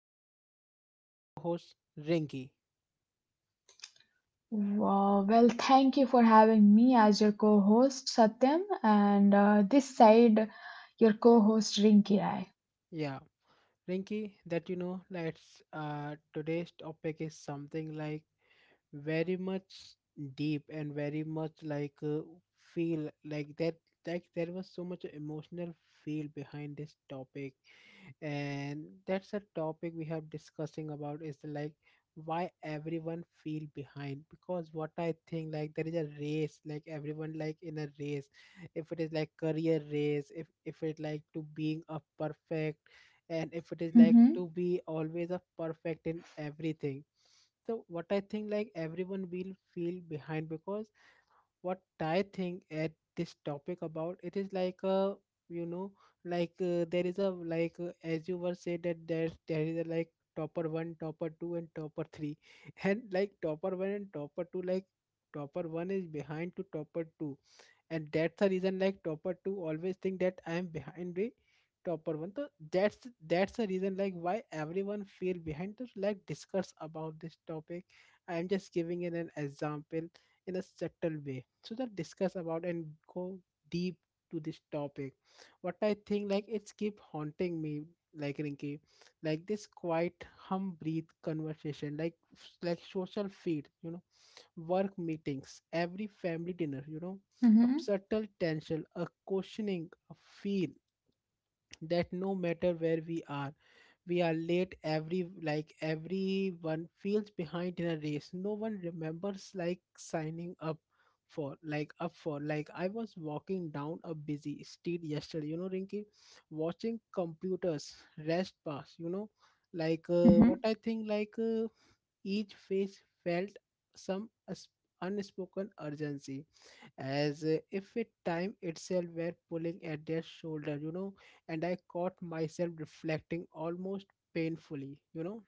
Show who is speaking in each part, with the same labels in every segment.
Speaker 1: and with me is our co-host Rinky.
Speaker 2: Wow. Well, thank you for having me as your co host, Satyam, and this side, your co host, Rinki Rai.
Speaker 1: Yeah, Rinky, that let's today's topic is something like very much deep and very much like feel like that like there was so much emotional feel behind this topic, and that's a topic we have discussing about is like why everyone feel behind. Because what I think, like, there is a race, like everyone, like in a race. If it is like career race, if it like to being a perfect, and if it is like
Speaker 2: Mm-hmm,
Speaker 1: to be always a perfect in everything. So what I think, like, everyone will feel behind because what I think at this topic about it is like you know like there is a like as you were said that there is a like topper 1, topper 2, and topper 3 and like topper 1 and topper 2, like topper 1 is behind to topper 2, and that's the reason like topper 2 always think that I am behind the topper 1. So that's that's the reason like why everyone feel behind. To like discuss about this topic, I am just giving it an example in a subtle way, so that discuss about and go deep to this topic. What I think, like, it's keep haunting me, like Rinki. Like this quiet hum breathe conversation, like social feed, you know work meetings, every family dinner, you know, a
Speaker 2: mm-hmm,
Speaker 1: subtle tension, a questioning, a feel that no matter where we are, we are late. Every like everyone feels behind in a race. No one remembers like signing up for like I was walking down a busy street yesterday, you know, Rinky, watching computers rest pass, you know,
Speaker 2: mm-hmm,
Speaker 1: like what I think like each face felt some unspoken urgency, as if it time itself were pulling at their shoulder, and I caught myself reflecting almost painfully,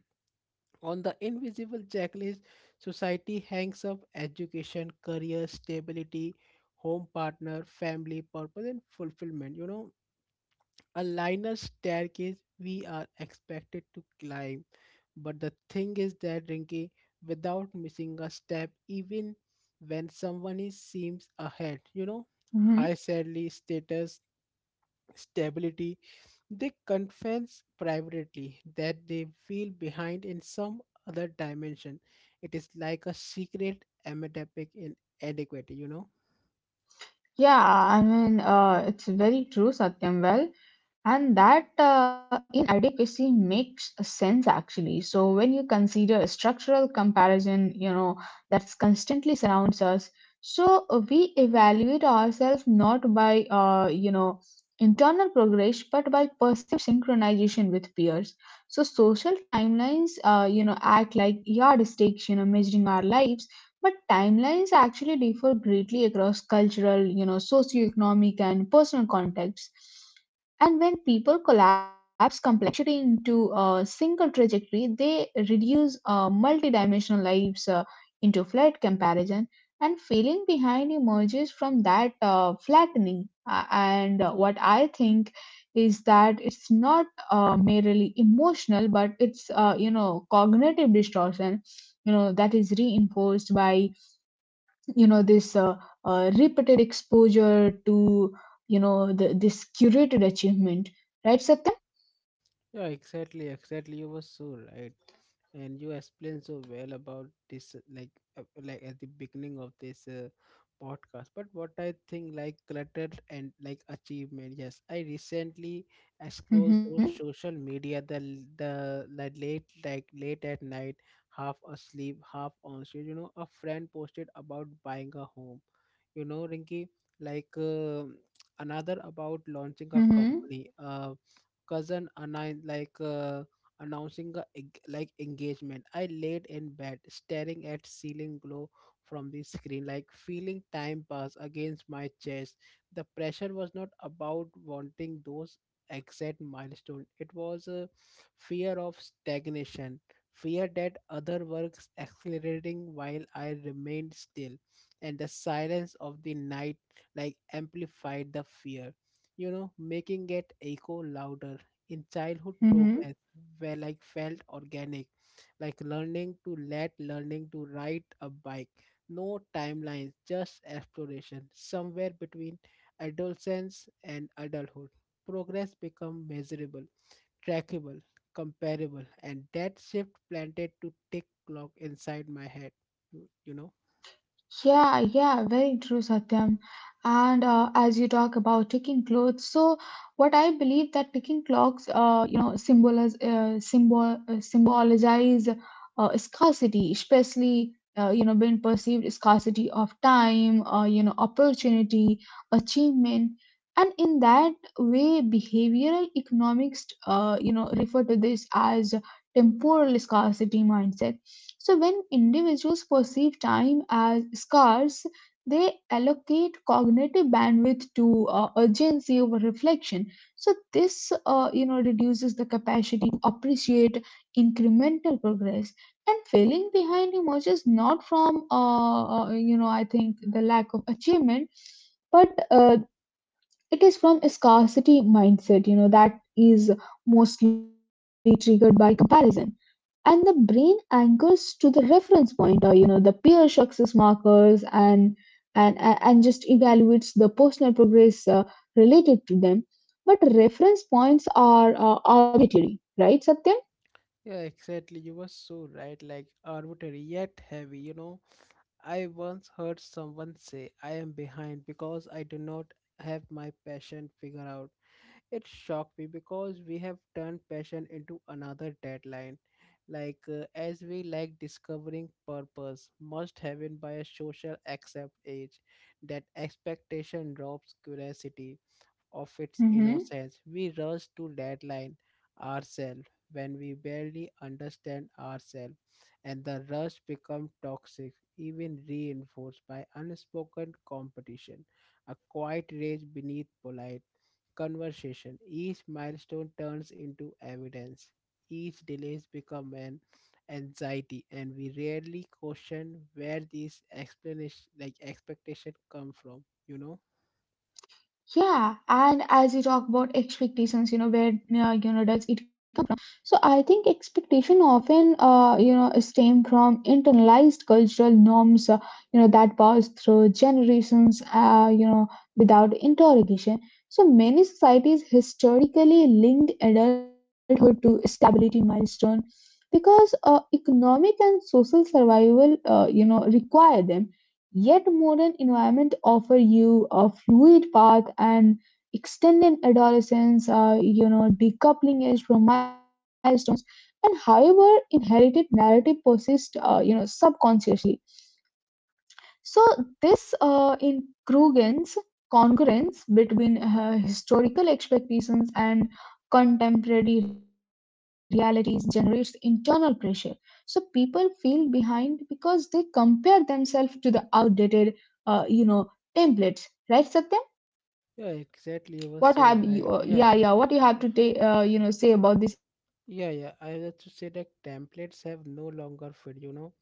Speaker 1: on the invisible checklist society hangs up: education, career, stability, home, partner, family, purpose, and fulfillment, a linear staircase we are expected to climb. But the thing is that, Rinky, without missing a step, even when someone is seems ahead, high
Speaker 2: mm-hmm.
Speaker 1: salary, status, stability, they confess privately that they feel behind in some other dimension. It is like a secret epidemic in adequate.
Speaker 2: Yeah, I mean, it's very true, Satyam. And that inadequacy makes sense actually. So when you consider a structural comparison, you know, that's constantly surrounds us. So we evaluate ourselves not by, you know, internal progress, but by perceived synchronization with peers. So social timelines, you know, act like yardsticks, you know, measuring our lives. But timelines actually differ greatly across cultural, you know, socioeconomic and personal contexts, and when people collapse complexity into a single trajectory, they reduce multidimensional lives into flat comparison, and feeling behind emerges from that flattening. And what I think is that it's not merely emotional, but it's you know, cognitive distortion, you know, that is reinforced by you know this repeated exposure to you know this curated achievement, right Satyam?
Speaker 1: Yeah, exactly, exactly. You were so right, and you explained so well about this, like at the beginning of this podcast. But what I think, like, cluttered and like achievement. Yes, I recently, I scrolled
Speaker 2: Mm-hmm,
Speaker 1: through social media the like late at night, half asleep, half on street. A friend posted about buying a home. Rinky, like. um another about launching a
Speaker 2: mm-hmm,
Speaker 1: company. A cousin announced like announcing a, like engagement. I laid in bed, staring at ceiling glow from the screen, like feeling time pass against my chest. The pressure was not about wanting those exact milestone. It was a fear of stagnation, fear that other works accelerating while I remained still, and the silence of the night like amplified the fear, making it echo louder in childhood
Speaker 2: mm-hmm.
Speaker 1: progress where like felt organic, like learning to ride a bike, no timelines, just exploration somewhere between adolescence and adulthood. Progress become measurable, trackable, comparable, and that shift planted to tick clock inside my head, you know.
Speaker 2: Yeah, yeah, very true, Satyam. And as you talk about ticking clocks, so what I believe that ticking clocks, you know, symbolize scarcity, especially you know, being perceived scarcity of time, you know, opportunity, achievement, and in that way, behavioral economics, you know, refer to this as temporal scarcity mindset. So, when individuals perceive time as scarce, they allocate cognitive bandwidth to urgency over reflection. So, this you know reduces the capacity to appreciate incremental progress. And feeling behind emerges not from you know, I think the lack of achievement, but it is from a scarcity mindset. You know that is mostly triggered by comparison, and the brain anchors to the reference point, or you know the peer success markers, and just evaluates the personal progress related to them, but reference points are arbitrary, right Satyam?
Speaker 1: Yeah, exactly. You were so right, like arbitrary yet heavy, you know I once heard someone say, I am behind because I do not have my passion figured out. It shocked me because we have turned passion into another deadline. Like, as we like discovering purpose, must have been by a social accept age, that expectation drops curiosity of its
Speaker 2: Mm-hmm.
Speaker 1: innocence. We rush to deadline ourselves when we barely understand ourselves, and the rush becomes toxic, even reinforced by unspoken competition, a quiet rage beneath polite conversation. Each milestone turns into evidence. Each delays become an anxiety, and we rarely question where these explanation like expectation come from.
Speaker 2: Yeah, and as you talk about expectations, you know where you know does it. So I think expectation often, you know, stem from internalized cultural norms, you know, that pass through generations, you know, without interrogation. So many societies historically linked adulthood to stability milestone because economic and social survival you know require them, yet modern environment offer you a fluid path and extended adolescence you know decoupling age from milestones, and however inherited narrative persists you know subconsciously. So this incongruence congruence between historical expectations and contemporary realities generates internal pressure. So people feel behind because they compare themselves to the outdated, you know, templates. Right, Satyam?
Speaker 1: Yeah, exactly. You
Speaker 2: What
Speaker 1: were so
Speaker 2: have you?
Speaker 1: right. Yeah,
Speaker 2: Yeah, yeah. What you have to you know say about these outdated
Speaker 1: yeah, yeah.
Speaker 2: templates?
Speaker 1: I
Speaker 2: Do you want
Speaker 1: have
Speaker 2: to
Speaker 1: to
Speaker 2: add
Speaker 1: say that
Speaker 2: something?
Speaker 1: templates have no longer fit,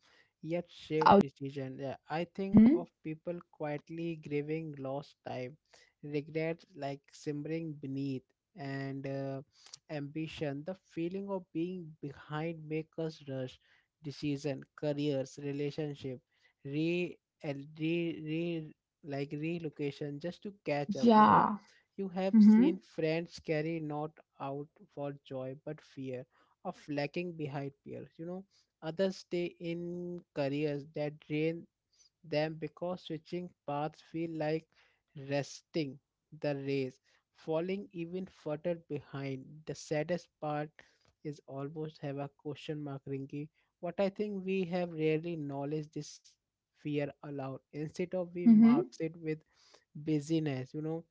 Speaker 1: yet shape decision. Yeah, I think of
Speaker 2: Hmm.
Speaker 1: people quietly grieving lost time, regret like simmering beneath, and ambition. The feeling of being behind makes us rush decision, careers, relationship, re, el- re, re like relocation, just to catch up.
Speaker 2: Yeah.
Speaker 1: You have seen
Speaker 2: Hmm.
Speaker 1: friends carry not out for joy but fear of lacking behind peers. Others stay in careers that drain them because switching paths feel like resting the race, falling even further behind. The saddest part is almost have a question mark, Rinky. What I think we have rarely acknowledged this fear aloud. Instead of we marks
Speaker 2: Hmm.
Speaker 1: it with busyness,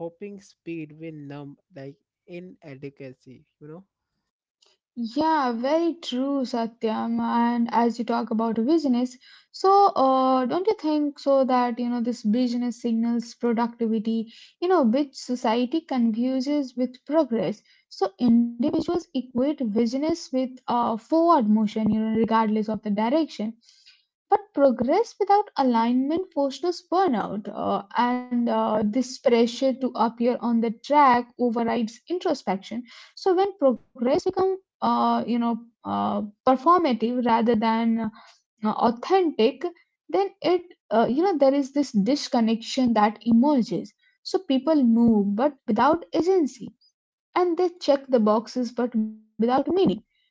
Speaker 1: hoping speed will numb like inadequacy.
Speaker 2: Yeah, very true, Satyam. And as you talk about business, so don't you think so that you know this business signals productivity, you know, which society confuses with progress. So individuals equate business with forward motion, you know, regardless of the direction. But progress without alignment fosters burnout, and this pressure to appear on the track overrides introspection. So when progress becomes performative rather than authentic, then it you know there is this disconnection that emerges. So people move but without agency, and they check the boxes but without meaning,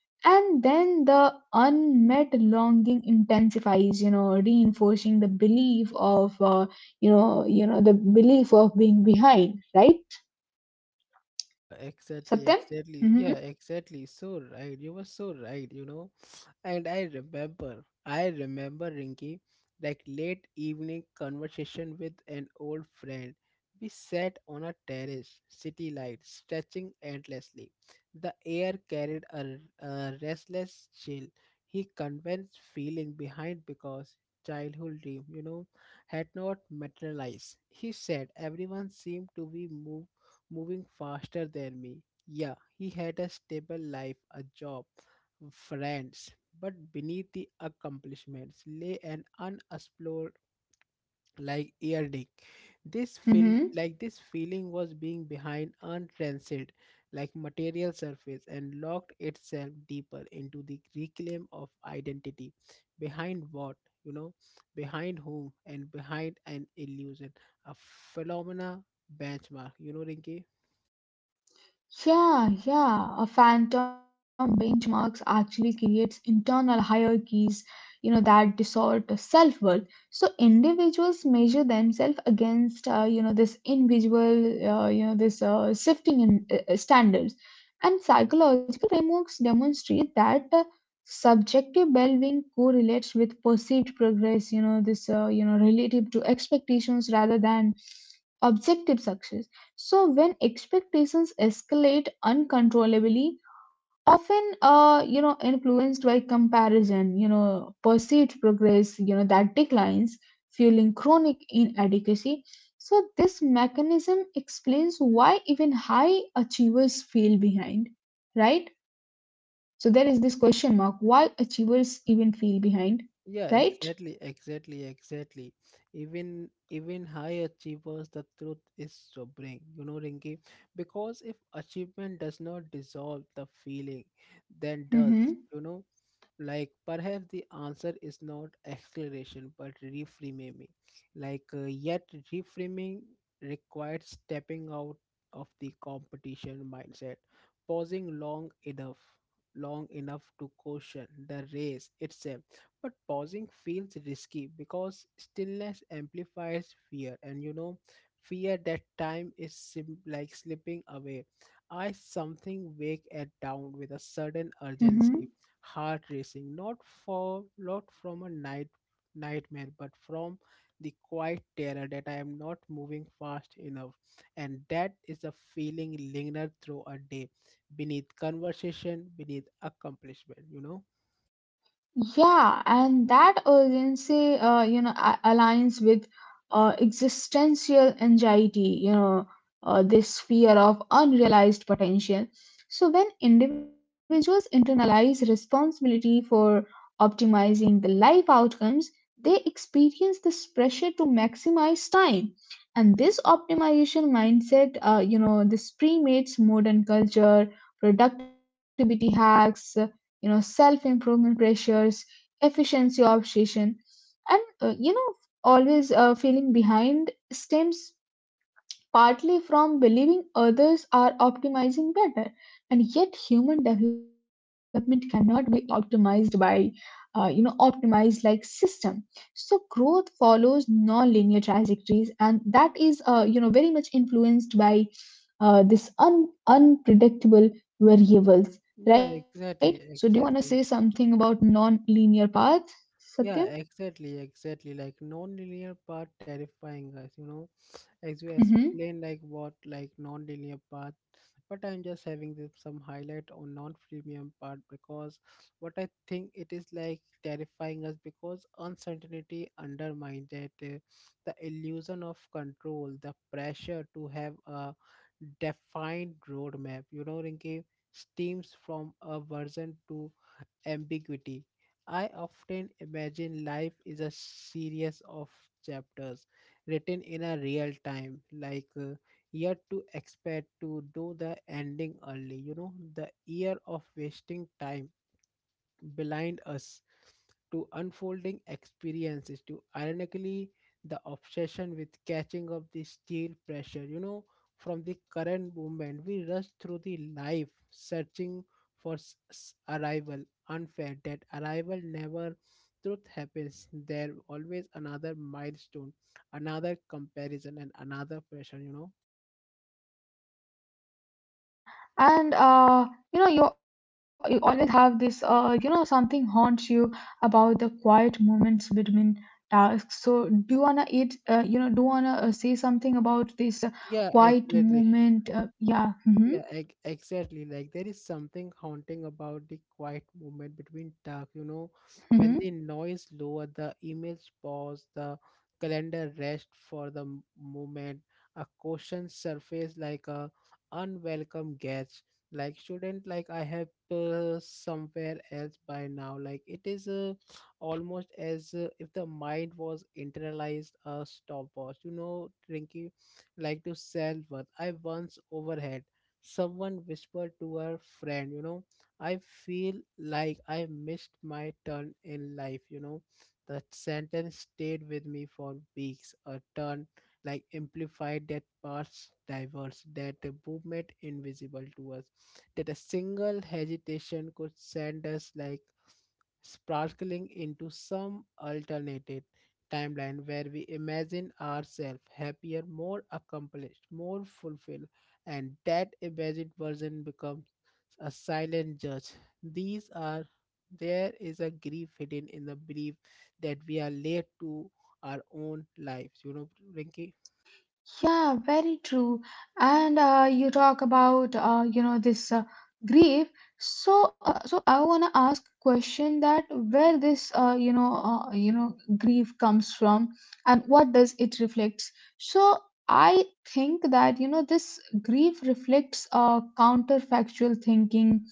Speaker 2: and then the unmet longing intensifies you know reinforcing the belief of the belief of being behind, right
Speaker 1: Yeah, exactly,
Speaker 2: Satyam?
Speaker 1: exactly.
Speaker 2: Mm-hmm.
Speaker 1: Yeah, exactly. So right. You were so right. And I remember, Rinky, like late evening conversation with an old friend. We sat on a terrace, city lights stretching endlessly. The air carried a restless chill. He convinced feeling behind because childhood dream, had not materialized. He said everyone seemed to be moving faster than me. Yeah, he had a stable life, a job, friends, but beneath the accomplishments lay an unexplored like earring.
Speaker 2: Mm-hmm.
Speaker 1: This feeling was being behind untransit like material surface, and locked itself deeper into the reclaim of identity. Behind what? You know, behind whom, and behind an illusion, a phenomena benchmark. You know, Rinki?
Speaker 2: Yeah, yeah. A phantom benchmarks actually creates internal hierarchies, you know, that distort the self-worth. So individuals measure themselves against, you know, this individual, you know, this shifting in standards. And psychological frameworks demonstrate that subjective well-being correlates with perceived progress. You know, this, you know, relative to expectations rather than objective success. So when expectations escalate uncontrollably, often you know influenced by comparison, you know perceived progress, you know that declines, fueling chronic inadequacy. So this mechanism explains why even high achievers feel behind, right? So there is this question mark: why achievers even feel behind, right?
Speaker 1: Yeah, exactly, exactly, exactly. Even high achievers, the truth is sobering, Rinki, because if achievement does not dissolve the feeling, then does,
Speaker 2: Mm-hmm.
Speaker 1: you know, like perhaps the answer is not acceleration but reframing. Like yet reframing requires stepping out of the competition mindset, pausing long enough to caution the race itself. But pausing feels risky, because stillness amplifies fear, and, fear that time is like slipping away. I something wake at down with a sudden urgency,
Speaker 2: Mm-hmm.
Speaker 1: heart racing, not from a nightmare, but from the quiet terror that I am not moving fast enough, and that is a feeling lingered through a day, beneath conversation, beneath accomplishment.
Speaker 2: Yeah, and that urgency, you know, aligns with existential anxiety, you know, this fear of unrealized potential. So, when individuals internalize responsibility for optimizing the life outcomes, they experience this pressure to maximize time. And this optimization mindset, you know, this premates modern culture, productivity hacks, you know, self improvement pressures, efficiency obsession, and you know always feeling behind stems partly from believing others are optimizing better, and yet human development cannot be optimized by optimized like system. So growth follows non-linear trajectories, and that is you know very much influenced by this unpredictable variables,
Speaker 1: Yeah,
Speaker 2: right? So do you
Speaker 1: exactly,
Speaker 2: want to say
Speaker 1: exactly.
Speaker 2: something about non-linear paths, Satyam?
Speaker 1: Yeah, exactly, exactly. Like non-linear path terrifying us. As you
Speaker 2: Mm-hmm.
Speaker 1: explain like what like non-linear path, but I'm just having this, some highlight on non-premium part, because what I think it is like terrifying us because uncertainty undermines that the illusion of control, the pressure to have a defined roadmap. Rinki, steams from a version to ambiguity. I often imagine life is a series of chapters written in a real time, like year to expect to do the ending early, the year of wasting time blind us to unfolding experiences to ironically the
Speaker 2: Mm-hmm.
Speaker 1: obsession with catching up the steel pressure, from the current movement. We rush through the life searching for arrival, unfair that arrival never truth happens. There always another milestone, another comparison, and another pressure.
Speaker 2: Yeah, and you know, you always have this, you know, something haunts you about the quiet moments between tasks. So, do you wanna eat, you know, do you wanna say something about this
Speaker 1: Yeah,
Speaker 2: quiet
Speaker 1: exactly.
Speaker 2: moment? Yeah.
Speaker 1: Yeah,
Speaker 2: Mm-hmm,
Speaker 1: exactly. Like there is something haunting about the quiet moment between talk,
Speaker 2: mm-hmm,
Speaker 1: when the noise lower, the emails pause, the calendar rest for the moment, a question surface like a unwelcome guest. Like, shouldn't like I have somewhere else by now. Like it is
Speaker 2: mm-hmm,
Speaker 1: almost as if the mind was internalized a stopwatch. Rinky, like to sell what I once
Speaker 2: mm-hmm.
Speaker 1: overhead someone whispered to her friend, I feel like I missed my turn in life. That sentence stayed with me for weeks. A turn like amplified that parts diverse, that the movement invisible to us, that a single hesitation could send us like sparkling into some alternate timeline where we imagine ourselves happier, more accomplished, more fulfilled, and that imagined version becomes a silent judge. These are there is a grief hidden in the belief that we are late to our own lives. Rinki.
Speaker 2: Yeah, very true. And you talk about, you know, this grief. So, I want to ask a question that where this you know grief comes from, and what does it reflects. So I think that you know this grief reflects counterfactual thinking.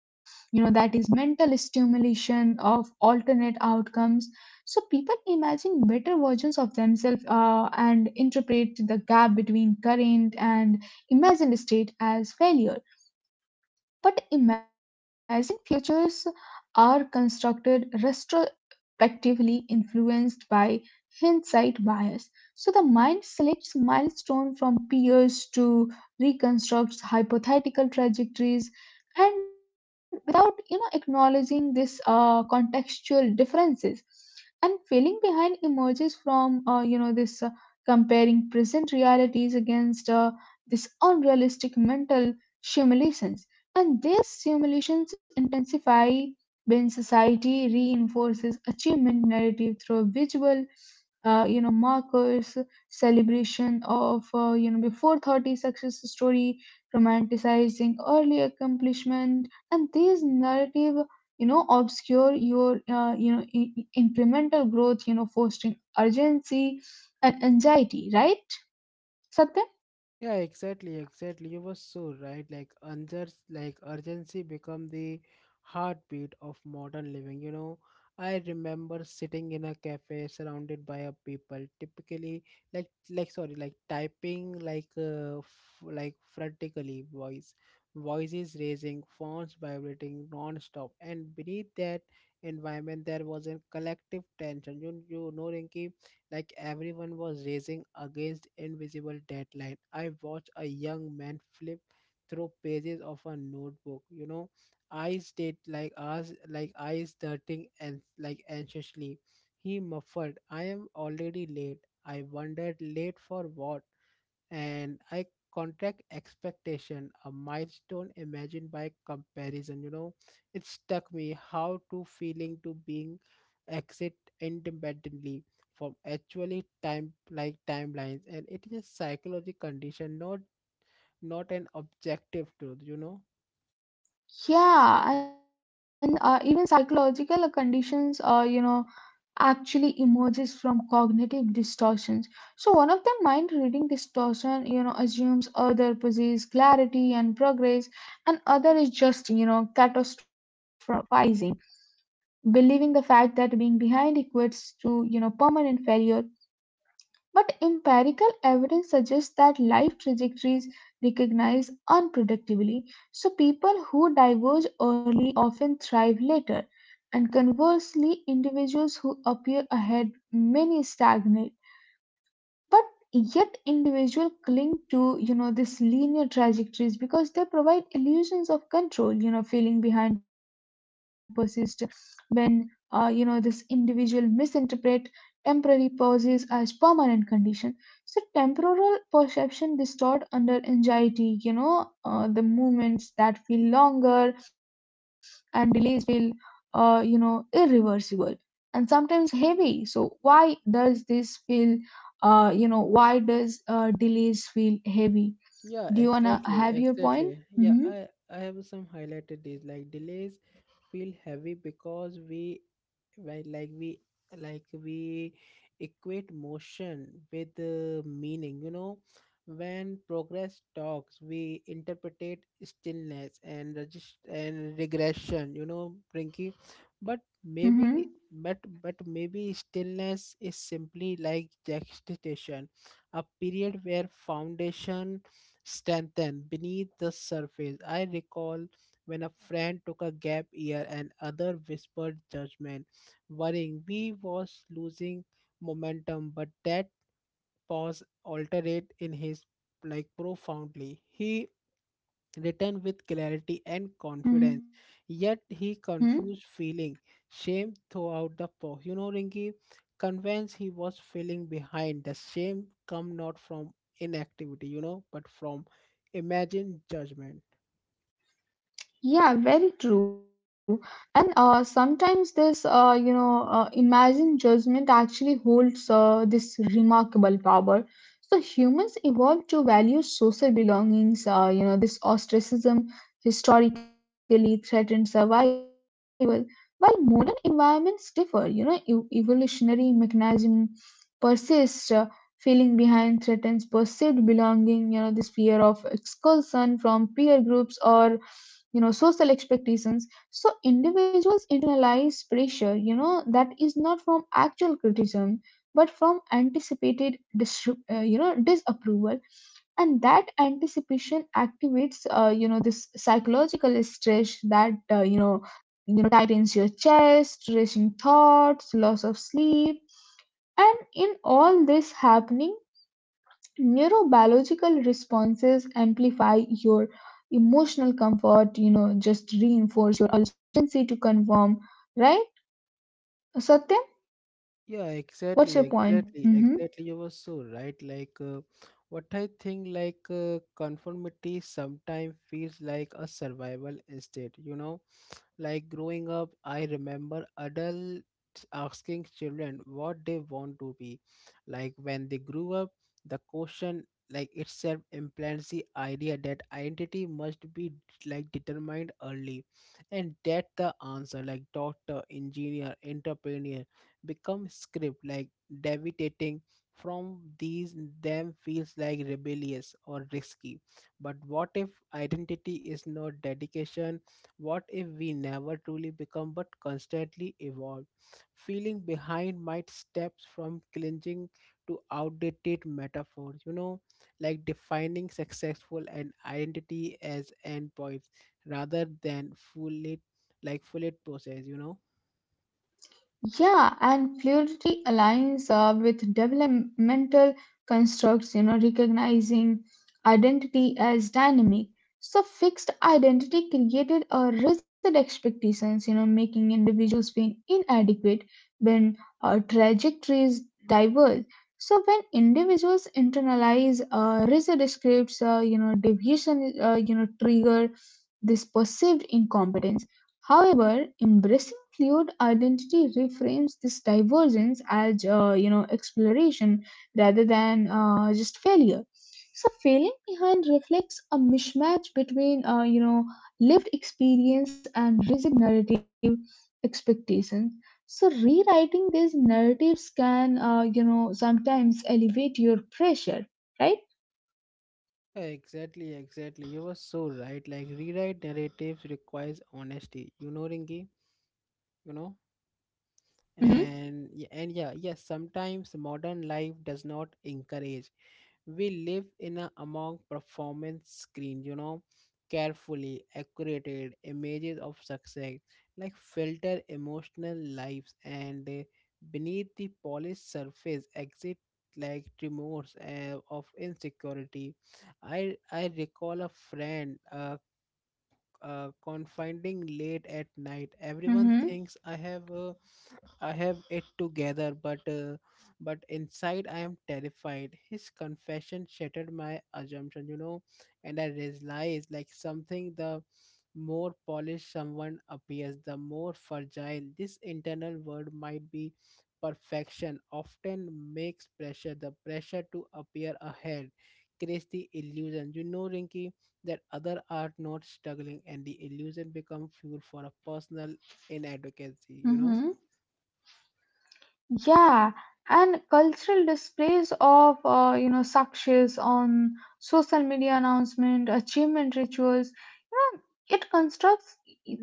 Speaker 2: You know that is mental stimulation of alternate outcomes. So people imagine better versions of themselves and interpret the gap between current and imagined state as failure, but imagine futures are constructed retrospectively influenced by hindsight bias. So the mind selects milestones from peers to reconstruct hypothetical trajectories, and without you know acknowledging this contextual differences, and feeling behind emerges from you know this comparing present realities against this unrealistic mental simulations, and their simulations intensify when society reinforces achievement narrative through visual, you know, markers, celebration of, you know, before 30 success story, romanticizing early accomplishment, and these narrative, you know, obscure your, you know, incremental growth, you know, fostering urgency and anxiety, right? Satya?
Speaker 1: Yeah, exactly, exactly. You were so right. Like urgency become the heartbeat of modern living. I remember sitting in a cafe surrounded by a people, typically like sorry, like typing like like frantically, voices raising, phones vibrating non-stop, and beneath that environment there was a collective tension. Rinki, like everyone was racing against invisible deadline. I watched a young man flip through pages of a notebook, eyes did like eyes darting and like anxiously. He muffled, I am already late. I wondered, late for what? And I contract expectation, a milestone imagined by comparison. It stuck me how to feeling to being exit independently from actually time like timelines, and it is a psychological condition, not an objective truth you know
Speaker 2: Yeah, and even psychological conditions, you know, actually emerges from cognitive distortions. So, one of them, mind reading distortion, you know, assumes other possess clarity and progress, and other is just, you know, catastrophizing, believing the fact that being behind equates to, you know, permanent failure, but empirical evidence suggests that life trajectories recognize unpredictably, so people who diverge early often thrive later, and conversely, individuals who appear ahead many stagnate. But yet, individuals cling to you know this linear trajectories because they provide illusions of control, you know, feeling behind persists when you know this individual misinterpret temporary pauses as permanent condition. So temporal perception distort under anxiety, you know the moments that feel longer and delays feel you know irreversible and sometimes heavy. So why does this feel you know why does delays feel heavy?
Speaker 1: yeah
Speaker 2: Do you wanna
Speaker 1: exactly,
Speaker 2: have your point?
Speaker 1: exactly, yeah
Speaker 2: Mm-hmm.
Speaker 1: i i have some highlighted these like delays feel heavy because we well, like we equate motion with meaning, you know. When progress talks, we interpret stillness and regression, you know, Prinky. but maybe
Speaker 2: Mm-hmm.
Speaker 1: but maybe stillness is simply like gestation, a period where foundation strengthen beneath the surface. I recall when a friend took a gap year and other whispered judgment, worrying we was losing momentum, but that pause altered in his like profoundly. He returned with clarity and confidence,
Speaker 2: Mm-hmm.
Speaker 1: yet he confused feeling shame throughout the pause. You know, Ringy, convinced he was feeling behind. The shame come not from inactivity, you know, but from imagined judgment.
Speaker 2: Yeah, very true. And sometimes this, imagined judgment actually holds this remarkable power. So humans evolved to value social belongings. You know, this ostracism historically threatened survival, while modern environments differ. You know, evolutionary mechanism persists. Feeling behind threatens perceived belonging. You know, this fear of expulsion from peer groups or you know social expectations, so individuals internalize pressure you know that is not from actual criticism but from anticipated you know disapproval, and that anticipation activates you know this psychological stress that tightens your chest, racing thoughts, loss of sleep, and in all this happening neurobiological responses amplify your emotional comfort, you know, just reinforce your urgency to conform, right? Satyam,
Speaker 1: Yeah,
Speaker 2: what's
Speaker 1: exactly,
Speaker 2: your point?
Speaker 1: exactly,
Speaker 2: Mm-hmm.
Speaker 1: exactly. You were so right. What I think, conformity sometimes feels like a survival instinct, you know. Like growing up, I remember adults asking children what they want to be. Like when they grew up, the question like itself implants the idea that identity must be like determined early, and that the answer like doctor engineer entrepreneur become script like deviating from these them feels like rebellious or risky. But what if identity is not dedication? What if we never truly become but constantly evolve? Feeling behind might steps from clinging to outdated metaphors, you know, like defining successful and identity as endpoints rather than fully process, you know.
Speaker 2: Yeah, and fluidity aligns with developmental constructs, you know, recognizing identity as dynamic. So, fixed identity created a rigid expectations, you know, making individuals feel inadequate when trajectories diverge. So, when individuals internalize rigid scripts, you know, deviation, you know, trigger this perceived incompetence. However, embracing fluid identity reframes this divergence as you know exploration rather than just failure. So failing behind reflects a mismatch between you know lived experience and rigid narrative expectations. So rewriting these narratives can you know sometimes elevate your pressure, right?
Speaker 1: Yeah, exactly, exactly. You were so right. Like rewrite narratives requires honesty. You know, Ringy, you know,
Speaker 2: Hmm. Hmm.
Speaker 1: and yeah, yes. Sometimes modern life does not encourage. We live in a among performance screen, you know, carefully accurated images of success like filter emotional lives, and beneath the polished surface exit like remorse of insecurity. I recall a friend confining late at night, everyone
Speaker 2: Hmm.
Speaker 1: thinks I have it together, but inside I am terrified. His confession shattered my assumption, you know, and I realized like something: the more polished someone appears, the more fragile this internal world might be. Perfection often makes pressure. The pressure to appear ahead creates the illusion, you know, Rinky, that other are not struggling, and the illusion become fuel for a personal inadequacy, you know.
Speaker 2: Hmm. Yeah, and cultural displays of you know success on social media announcement, achievement rituals, you know, it constructs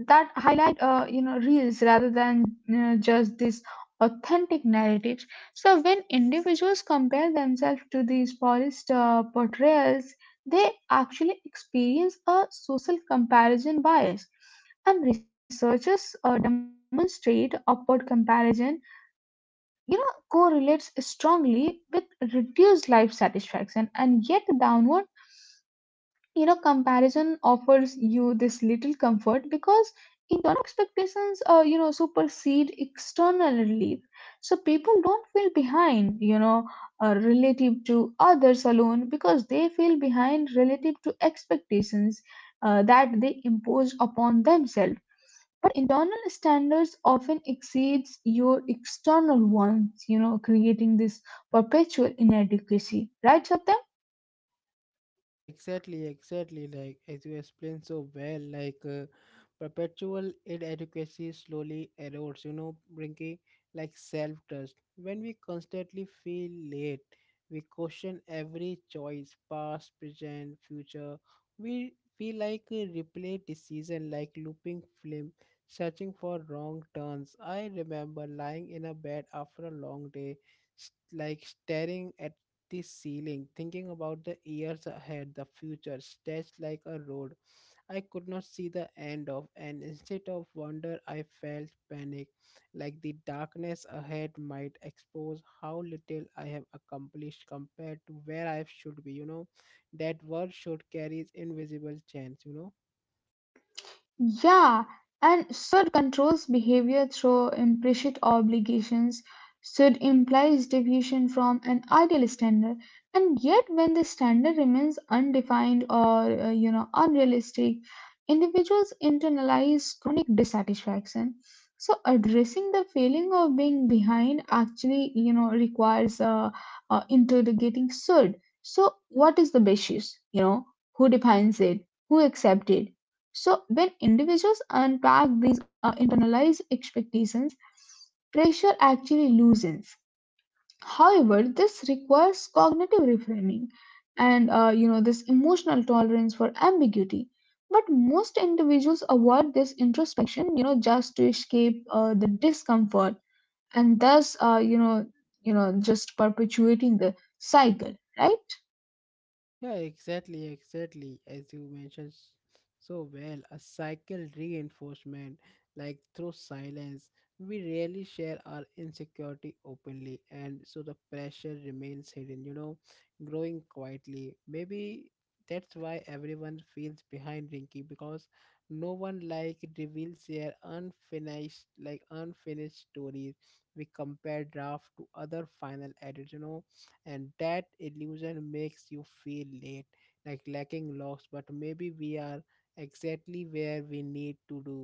Speaker 2: that highlight you know reels rather than just these authentic narratives. So when individuals compare themselves to these polished portrayals, they actually experience a social comparison bias, and researchers demonstrate upward comparison you know correlates strongly with reduced life satisfaction. And yet downward you know comparison offers you this little comfort because internal expectations you know supersede external relief. So people don't feel behind, you know, relative to others alone, because they feel behind relative to expectations that they impose upon themselves. Internal standards often exceeds your external ones, you know, creating this perpetual inadequacy, right, Satyam?
Speaker 1: Yeah, exactly, exactly. Like as you explained so well, like perpetual inadequacy slowly erodes. You know, bringing like self-trust. When we constantly feel late, we question every choice, past, present, future. We feel like a replay decision, like looping film, searching for wrong turns. I remember lying in a bed after a long day, staring at the ceiling, thinking about the years ahead, the future stretched like a road. I could not see the end of, and instead of wonder, I felt panic, like the darkness ahead might expose how little I have accomplished compared to where I should be. You know, that word should carry invisible chance. You know.
Speaker 2: Yeah, and should controls behavior through implicit obligations. Should implies deviation from an ideal standard, and yet when the standard remains undefined or you know unrealistic, individuals internalize chronic dissatisfaction. So addressing the feeling of being behind actually, you know, requires interrogating should. So what is the basis? You know, who defines it? Who accepts it? So when individuals unpack these internalized expectations, pressure actually loosens. However, this requires cognitive reframing and you know this emotional tolerance for ambiguity. But most individuals avoid this introspection, you know, just to escape the discomfort, and thus you know just perpetuating the cycle, right?
Speaker 1: Yeah, exactly, exactly. As you mentioned so well, a cycle reinforcement, like through silence, we rarely share our insecurity openly, and so the pressure remains hidden, you know, growing quietly. Maybe that's why everyone feels behind, Rinky, because no one like reveals their unfinished stories. We compare draft to other final edits, you know, and that illusion makes you feel late, like lacking loss. But maybe we are exactly where we need to do,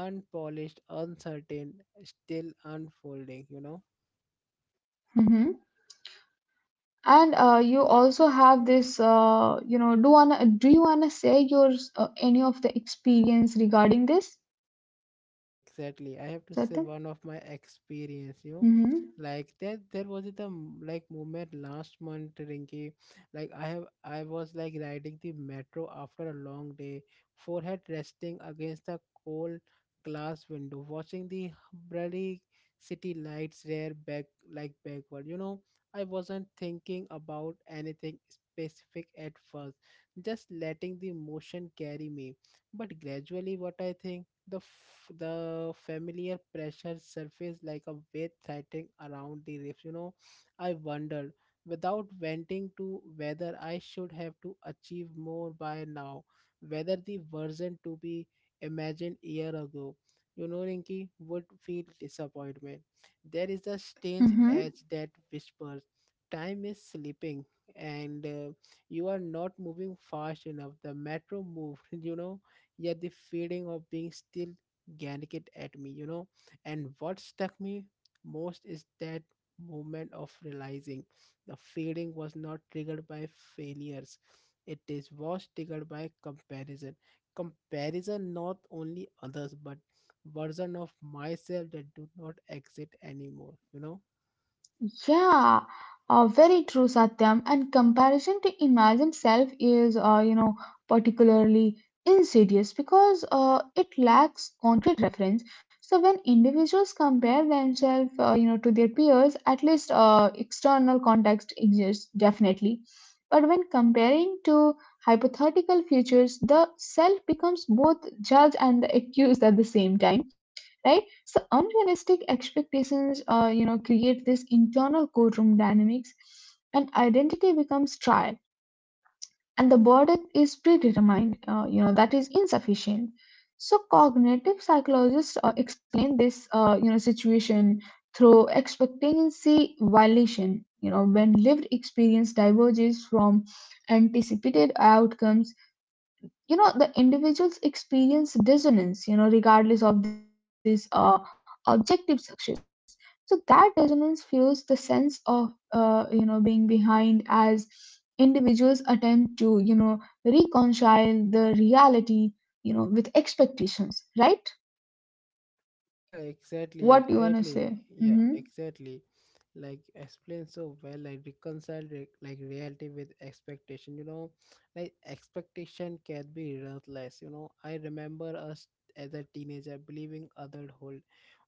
Speaker 1: unpolished, uncertain, still unfolding, you know.
Speaker 2: Hmm. And you also have this, you know, do wanna do you wanna say your any of the experience regarding this,
Speaker 1: Exactly. I have to say
Speaker 2: Satyam?
Speaker 1: one of my experience, you know,
Speaker 2: Mm-hmm.
Speaker 1: like that there was the moment last month, Rinki. Like I was like riding the metro after a long day, forehead resting against the cold glass window, watching the bloody city lights rear back like backward. You know, I wasn't thinking about anything specific at first, just letting the motion carry me. But gradually, what I think, the familiar pressure surfaced like a weight threatening around the ribs. You know, I wondered without venting to whether I should have to achieve more by now, whether the version to be imagined year ago, you know, Rinki, would feel disappointment. There is a strange
Speaker 2: Mm-hmm.
Speaker 1: edge that whispers, time is slipping, and you are not moving fast enough. The metro moved, you know, yet the feeling of being still ganked at me, you know. And what struck me most is that moment of realizing the feeling was not triggered by failures. It is was triggered by comparison. Comparison not only others but version of myself that do not exist anymore, you know.
Speaker 2: Yeah, very true, Satyam. And comparison to imagined self is, you know, particularly insidious because it lacks concrete reference. So when individuals compare themselves, you know, to their peers, at least external context exists definitely. But when comparing to hypothetical futures, the self becomes both judge and the accused at the same time, right? So unrealistic expectations you know create this internal courtroom dynamics, and identity becomes trial, and the verdict is predetermined, you know, that is insufficient. So cognitive psychologists explain this you know situation through expectancy violation, you know, when lived experience diverges from anticipated outcomes, you know, the individuals experience dissonance, you know, regardless of these objective success. So that dissonance fuels the sense of you know being behind as individuals attempt to you know reconcile the reality you know with expectations, right?
Speaker 1: Yeah, exactly,
Speaker 2: What
Speaker 1: exactly.
Speaker 2: you want to
Speaker 1: Yeah,
Speaker 2: say? Mm-hmm.
Speaker 1: exactly. Like explained so well, like reality with expectation, you know, like expectation can be ruthless, you know. I remember us as a teenager believing adulthood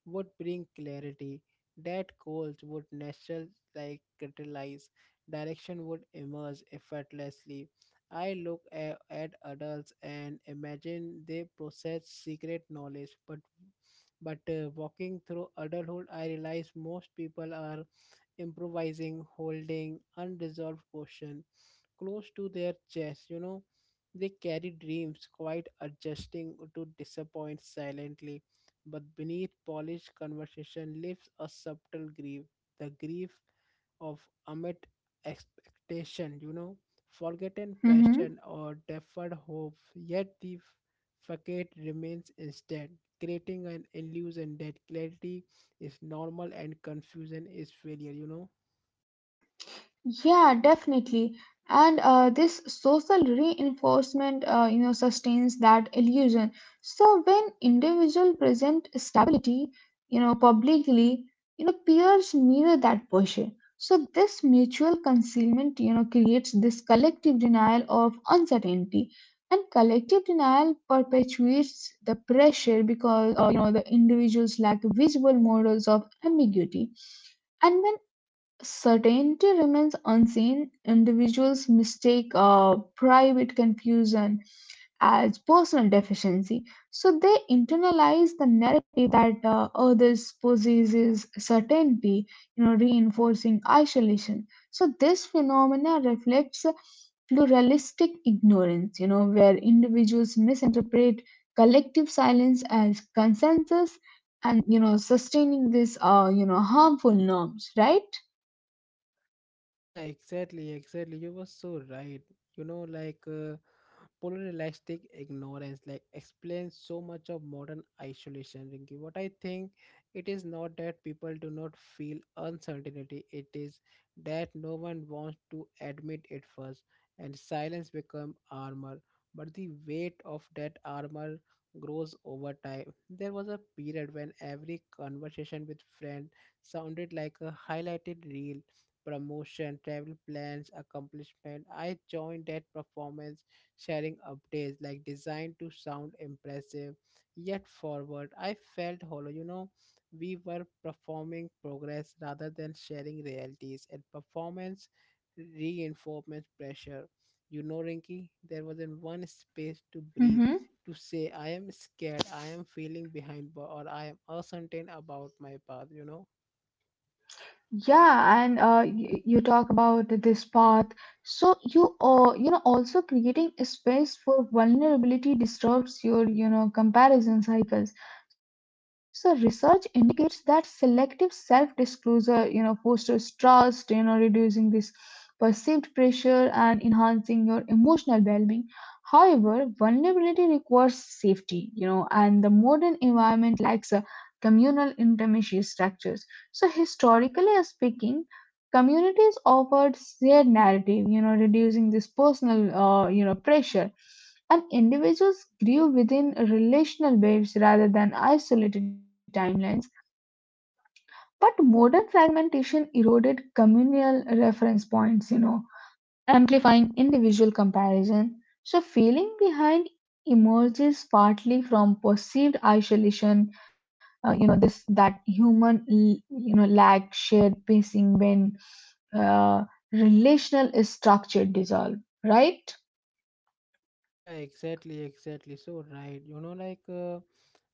Speaker 1: would bring clarity, that goals would natural like catalyze, direction would emerge effortlessly. I look at adults and imagine they possess secret knowledge, but walking through adulthood, I realize most people are improvising, holding unresolved questions close to their chest. You know, they carry dreams, quite adjusting to disappoint silently. But beneath polished conversation lives a subtle grief. The grief of unmet expectation, you know, forgotten passion
Speaker 2: Mm-hmm.
Speaker 1: or deferred hope, yet the facade remains instead, creating an illusion that clarity is normal and confusion is failure, you know.
Speaker 2: Yeah, definitely. And this social reinforcement, you know, sustains that illusion. So when individuals present stability, you know, publicly, you know, peers mirror that posture. So this mutual concealment, you know, creates this collective denial of uncertainty, and collective denial perpetuates the pressure because, you know, the individuals lack visual models of ambiguity. And when certainty remains unseen, individuals mistake private confusion as personal deficiency, so they internalize the narrative that others possesses certainty, you know, reinforcing isolation. So this phenomena reflects pluralistic ignorance, you know, where individuals misinterpret collective silence as consensus and you know sustaining this you know harmful norms, right?
Speaker 1: Yeah, exactly, exactly. You were so right. You know, like polaristic ignorance, like explains so much of modern isolation, Rinki. What I think, it is not that people do not feel uncertainty. It is that no one wants to admit it first, and silence become armor. But the weight of that armor grows over time. There was a period when every conversation with friend sounded like a highlighted reel promotion, travel plans, accomplishment. I joined that performance sharing updates like designed to sound impressive, yet forward. I felt hollow, you know, we were performing progress rather than sharing realities, and performance reinforcement pressure. You know, Rinky, there wasn't one space to breathe,
Speaker 2: Mm-hmm.
Speaker 1: to say I am scared, I am feeling behind, or I am uncertain about my path, you know.
Speaker 2: Yeah, and you, you talk about this path. So you you know also creating a space for vulnerability disturbs your you know comparison cycles. So research indicates that selective self-disclosure you know fosters trust, you know reducing this perceived pressure and enhancing your emotional well-being. However, vulnerability requires safety, you know, and the modern environment lacks communal intimacy structures. So historically speaking, communities offered shared narrative, you know, reducing this personal, you know, pressure, and individuals grew within relational waves rather than isolated timelines. But modern fragmentation eroded communal reference points, you know, amplifying individual comparison. So, feeling behind emerges partly from perceived isolation, you know, this that human, you know, lack shared pacing when uh, relational is structured dissolve, right?
Speaker 1: Yeah, exactly, exactly, so right, you know. Like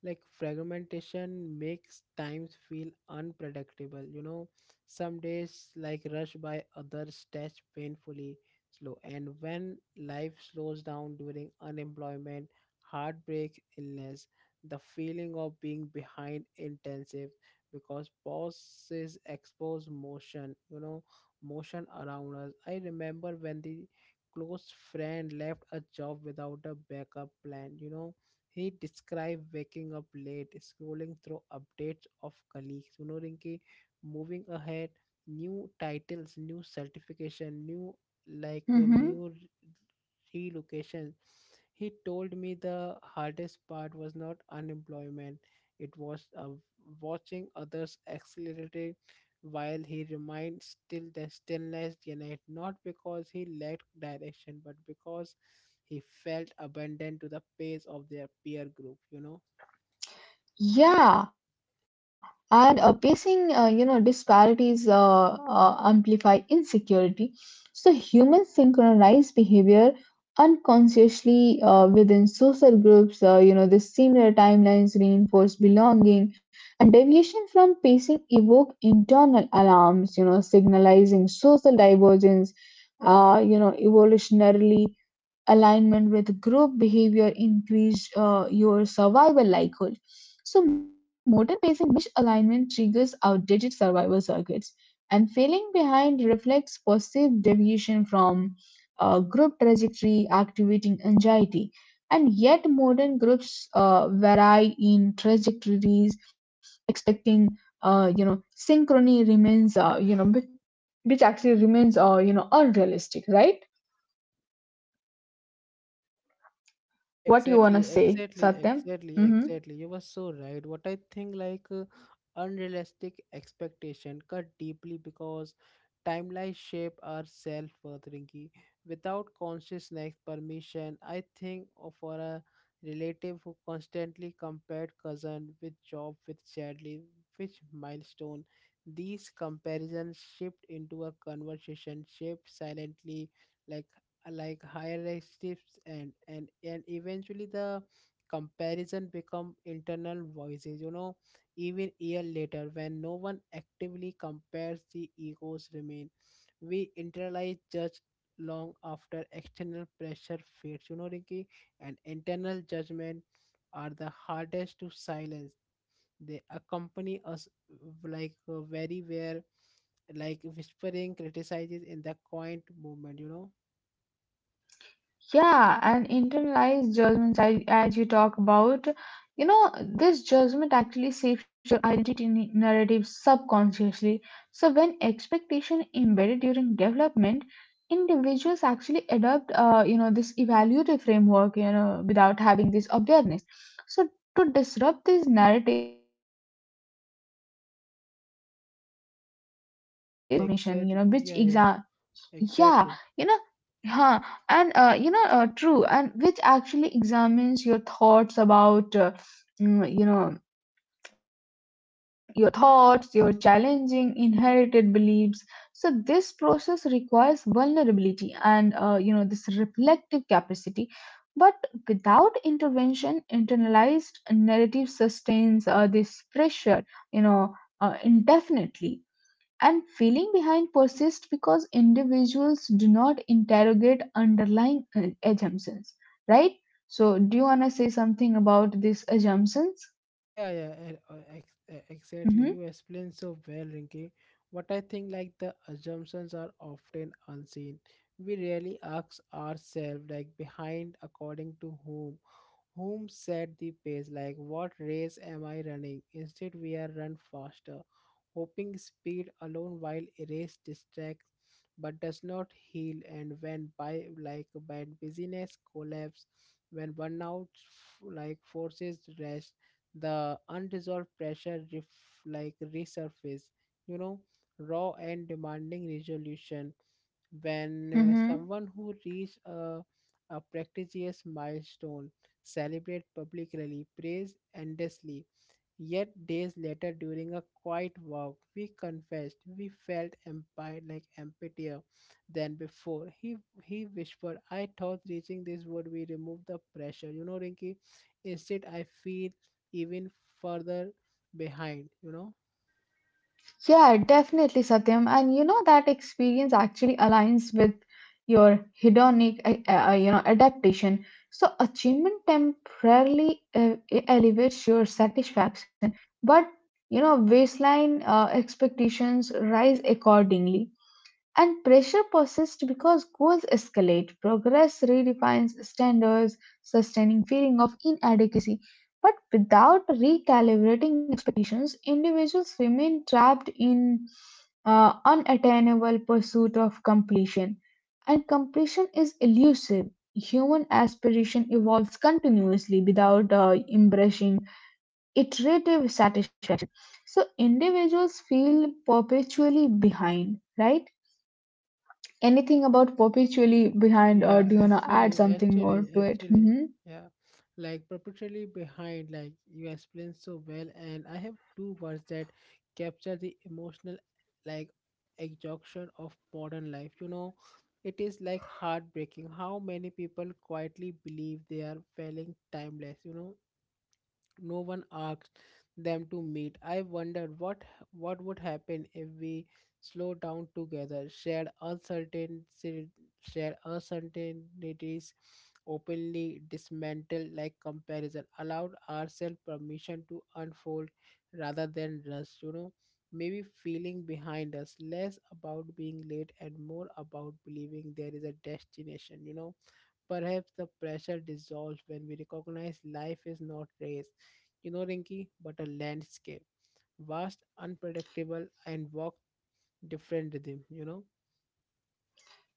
Speaker 1: like fragmentation makes times feel unpredictable, you know. Some days like rush by, others stretch painfully slow, and when life slows down during unemployment, heartbreak, illness, the feeling of being behind intensive, because pauses expose motion, you know, motion around us. I remember when the close friend left a job without a backup plan. You know, he described waking up late, scrolling through updates of colleagues. You know, Rinki, moving ahead, new titles, new certification, new like a
Speaker 2: Mm-hmm.
Speaker 1: new relocation. He told me the hardest part was not unemployment, it was watching others accelerate, while he remained still, the stillness behind, not because he lacked direction, but because he felt abandoned to the pace of their peer group, you know.
Speaker 2: Yeah, and pacing, you know, disparities amplify insecurity. So humans synchronize behavior unconsciously within social groups. You know, the similar timelines reinforce belonging, and deviation from pacing evoke internal alarms, you know, signalizing social divergence. You know, evolutionarily alignment with group behavior increase your survival likelihood. So modern facing misalignment triggers outdated survival circuits, and failing behind reflects perceived deviation from group trajectory, activating anxiety. And yet, modern groups vary in trajectories, expecting you know synchrony remains which actually remains you know unrealistic, right?
Speaker 1: Yeah,
Speaker 2: What you wanna
Speaker 1: exactly,
Speaker 2: say,
Speaker 1: exactly,
Speaker 2: Satyam?
Speaker 1: exactly,
Speaker 2: Mm-hmm.
Speaker 1: exactly. You were so right. What I think, like, unrealistic expectation cut deeply because timelines shape our self-worth, Rinki. Without consciousness permission, I think of for a relative who constantly compared cousin with job with sadly which milestone. These comparisons shift into a conversation shaped silently, like like hierarchies and eventually the comparison become internal voices, you know. Even year later, when no one actively compares, the egos remain. We internalize judge long after external pressure fades, you know, Rinki, and internal judgment are the hardest to silence. They accompany us very where, like whispering criticizes in the quiet moment, you know.
Speaker 2: Yeah, and internalized judgments, as you talk about, you know, this judgment actually shapes your narrative subconsciously. So when expectation embedded during development, individuals actually adopt, you know, this evaluative framework, you know, without having this awareness. So to disrupt these narratives, individuals must engage themselves in this
Speaker 1: Yeah,
Speaker 2: metacognition, you know,
Speaker 1: exactly.
Speaker 2: which
Speaker 1: Yeah,
Speaker 2: exam—
Speaker 1: yeah,
Speaker 2: yeah,
Speaker 1: exactly.
Speaker 2: you know, huh, and you know, true, and which actually examines your thoughts about, you know, your thoughts, your challenging inherited beliefs. So this process requires vulnerability and, you know, this reflective capacity. But without intervention, internalized narrative sustains this pressure, you know, indefinitely. And feeling behind persists because individuals do not interrogate underlying assumptions, right? So, do you want to say something about these assumptions?
Speaker 1: Yeah, yeah, and,
Speaker 2: Hmm.
Speaker 1: exactly. You explained so well, Rinki. What I think, like the assumptions are often unseen. We rarely ask ourselves, like behind, according to whom, whom set the pace? Like, what race am I running? Instead, we are run faster, hoping speed alone while race distracts but does not heal. And when by like when busyness collapse, when burnout forces rest, the unresolved pressure resurface. You know, raw and demanding resolution when
Speaker 2: Mm-hmm.
Speaker 1: someone who reached a prestigious milestone celebrate publicly, praise endlessly, yet days later during a quiet walk, we confessed we felt empire like emptier than before. He whispered, I thought reaching this would be remove the pressure. You know, Rinky, instead I feel even further behind, you know.
Speaker 2: Yeah, definitely, Satyam. And you know that experience actually aligns with your hedonic, you know, adaptation. So achievement temporarily elevates your satisfaction, but you know, baseline expectations rise accordingly. And pressure persists because goals escalate, progress redefines standards, sustaining feeling of inadequacy. But without recalibrating expectations, individuals remain trapped in unattainable pursuit of completion. And completion is elusive. Human aspiration evolves continuously without embracing iterative satisfaction. So individuals feel perpetually behind, right? Anything about perpetually behind, or
Speaker 1: Yeah,
Speaker 2: do you want to add
Speaker 1: actually,
Speaker 2: something more
Speaker 1: actually,
Speaker 2: to it?
Speaker 1: actually,
Speaker 2: Hmm.
Speaker 1: yeah, like perpetually behind, like you explained so well, and I have two words that capture the emotional, like, exhaustion of modern life. You know, it is like heartbreaking how many people quietly believe they are failing timeless. You know, no one asked them to meet. I wondered what would happen if we slowed down together, shared uncertainty, shared uncertainties openly, dismantled like comparison, allowed ourselves permission to unfold rather than rush. Maybe feeling behind us less about being late and more about believing there is a destination. Perhaps the pressure dissolves when we recognize life is not race, you know, Rinky, but a landscape, vast, unpredictable, and walk different rhythm, you know.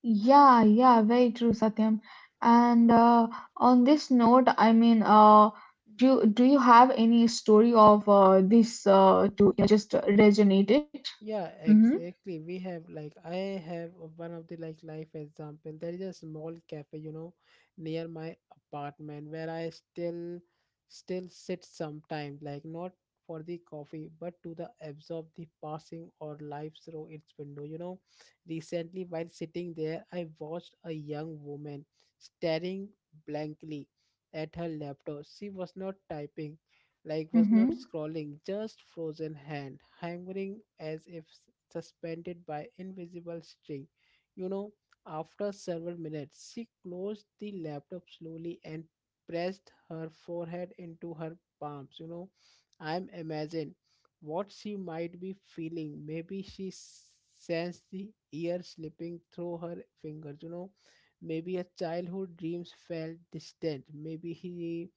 Speaker 2: Yeah, yeah, very true, Satyam. And on this note, I mean, do you have any story of this to you know just resonate it?
Speaker 1: Yeah,
Speaker 2: Mm-hmm.
Speaker 1: exactly. We have like I have one of the like life example. There is a small cafe, you know, near my apartment where I still sit sometimes, like not for the coffee, but to the absorb the passing or life through its window. You know, recently while sitting there, I watched a young woman staring blankly at her laptop. She was not typing, like was not
Speaker 2: Mm-hmm.
Speaker 1: scrolling, just frozen hand, hanging as if suspended by invisible string. You know, after several minutes, she closed the laptop slowly and pressed her forehead into her palms. You know, I'm imagine what she might be feeling. Maybe she sensed the air slipping through her fingers. You know, maybe her childhood dreams felt distant. Maybe he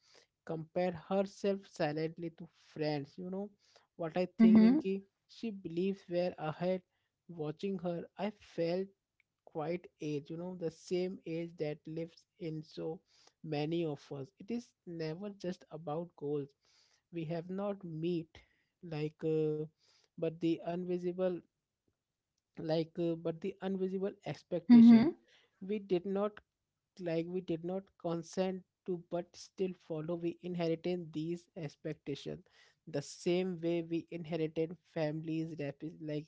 Speaker 1: compare herself silently to friends. You know what I think,
Speaker 2: Mm-hmm.
Speaker 1: Rinky? She believes we're ahead. Watching her, I felt quite age, you know, the same age that lives in so many of us. It is never just about goals. We have not meet, like uh, but the invisible, but the invisible expectation
Speaker 2: Mm-hmm.
Speaker 1: we did not, like we did not consent to but still follow. We inherited these expectations the same way we inherited families like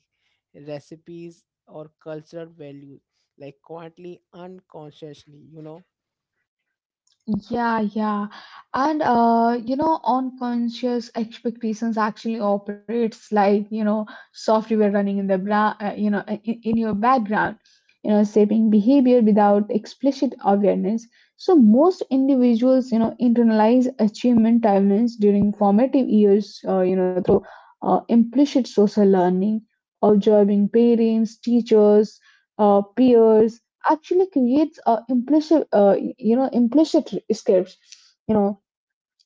Speaker 1: recipes or cultural values, like quietly, unconsciously, you know.
Speaker 2: Yeah, yeah. And you know, unconscious expectations actually operates like, you know, software running in the bra you know, in your background, you know, shaping behavior without explicit awareness. So most individuals, you know, internalize achievement timelines during formative years, you know, through implicit social learning, observing parents, teachers, peers actually creates implicit, you know, implicit escapes. You know,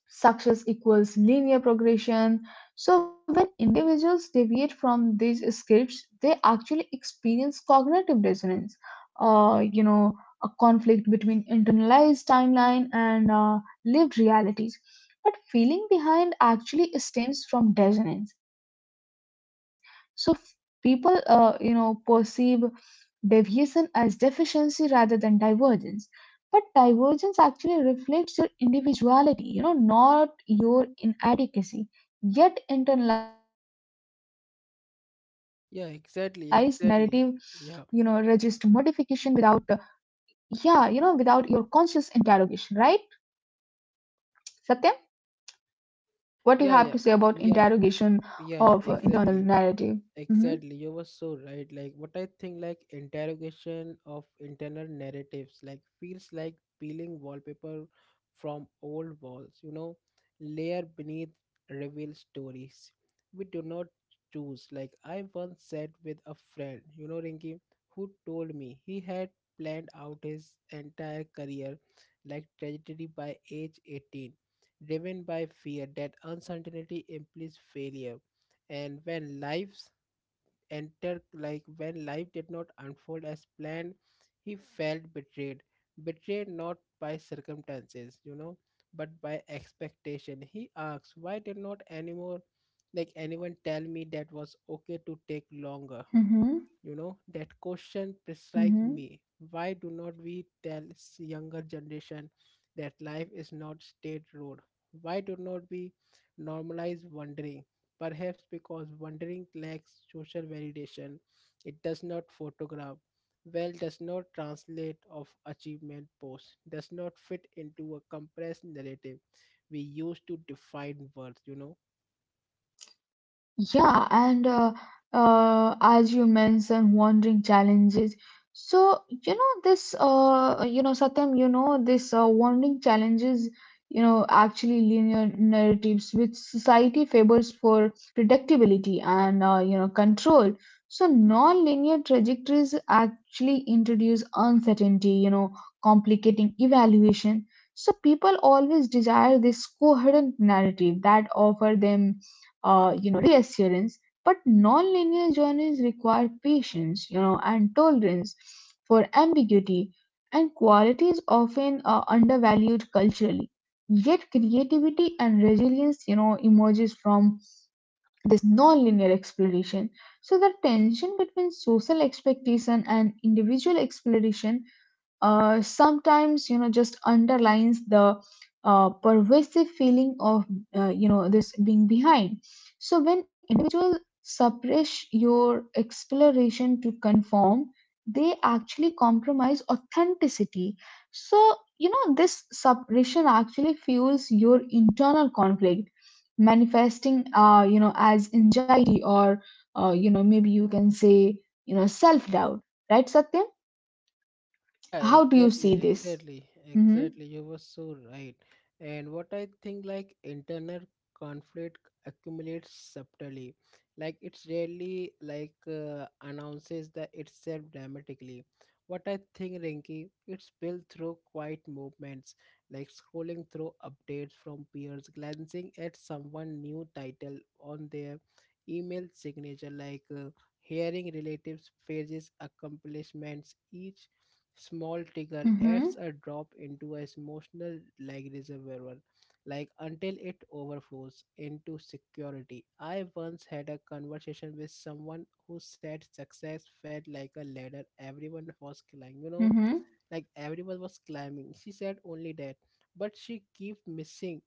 Speaker 2: success equals linear progression, so when individuals deviate from these scripts, they actually experience cognitive dissonance, you know, a conflict between internalized timeline and lived realities. But feeling behind actually stems from dissonance. So people, you know, perceive deviation as deficiency rather than divergence. But divergence actually reflects your individuality, you know, not your inadequacy. Yet internalized narrative, you know, resist
Speaker 1: yeah
Speaker 2: modification
Speaker 1: exactly
Speaker 2: without,
Speaker 1: exactly yeah
Speaker 2: yeah, you know, without your conscious interrogation, right? Satyam, what you have to say about
Speaker 1: yeah yeah
Speaker 2: interrogation
Speaker 1: yeah
Speaker 2: of
Speaker 1: yeah
Speaker 2: internal
Speaker 1: exactly
Speaker 2: narrative? Hmm.
Speaker 1: Exactly, you were so right. Like what I think, like interrogation of internal narratives like feels like peeling wallpaper from old walls, you know, layer beneath reveal stories. We do not choose. Like I once sat with a friend, you know, Rinky, who told me he had planned out his entire career like trajectory by age 18, driven by fear that uncertainty implies failure. And when life enter, like when life did not unfold as planned, he felt betrayed, betrayed not by circumstances, you know, but by expectation. He asks, why did not anymore like anyone tell me that was okay to take longer
Speaker 2: Mm-hmm.
Speaker 1: you know That question strike
Speaker 2: Mm-hmm.
Speaker 1: me. Why do not we tell younger generation that life is not straight road? Why do not we normalize wondering? Perhaps because wondering lacks social validation. It does not photograph well, does not translate of achievement post, does not fit into a compressed narrative we use to define worth, you know.
Speaker 2: Yeah, and as you mentioned, wandering challenges. So, you know, this, you know, Satyam, you know, this wandering challenges, you know, actually linear narratives which society favors for predictability and you know control. So non-linear trajectories actually introduce uncertainty, you know, complicating evaluation. So people always desire this coherent narrative that offer them you know reassurance, but non-linear journeys require patience, you know, and tolerance for ambiguity, and quality is often undervalued culturally. Yet creativity and resilience, you know, emerges from this non-linear exploration. So the tension between social expectation and individual exploration sometimes you know just underlines the pervasive feeling of you know this being behind. So when individual suppress your exploration to conform, they actually compromise authenticity. So you know this suppression actually fuels your internal conflict, manifesting you know as anxiety or you know, maybe you can say, you know, self doubt, right, Satya?
Speaker 1: Yeah,
Speaker 2: How do you
Speaker 1: exactly,
Speaker 2: see this?
Speaker 1: exactly,
Speaker 2: Mm-hmm.
Speaker 1: exactly. You were so right. And what I think, like, internal conflict accumulates subtly. Like, it's rarely, like, announces that itself dramatically. What I think, Rinky, it's built through quiet movements, like scrolling through updates from peers, glancing at someone new title on their email signature, like, hearing relatives' praises, accomplishments. Each small trigger adds
Speaker 2: Mm-hmm.
Speaker 1: a drop into a emotional like reservoir, like until it overflows into security. I once had a conversation with someone who said success felt like a ladder everyone was climbing, you know,
Speaker 2: Mm-hmm.
Speaker 1: like everyone was climbing, she said only that, but she kept missing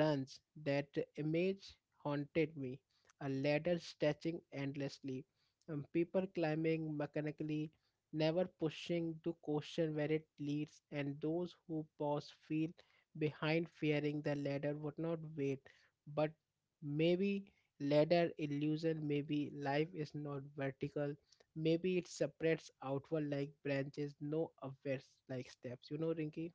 Speaker 1: runs. That image haunted me, a ladder stretching endlessly and people climbing mechanically, never pushing to question where it leads, and those who pause feel behind, fearing the ladder would not wait. But maybe ladder illusion, maybe life is not vertical. Maybe it separates outward like branches, no upwards like steps. You know, Rinky?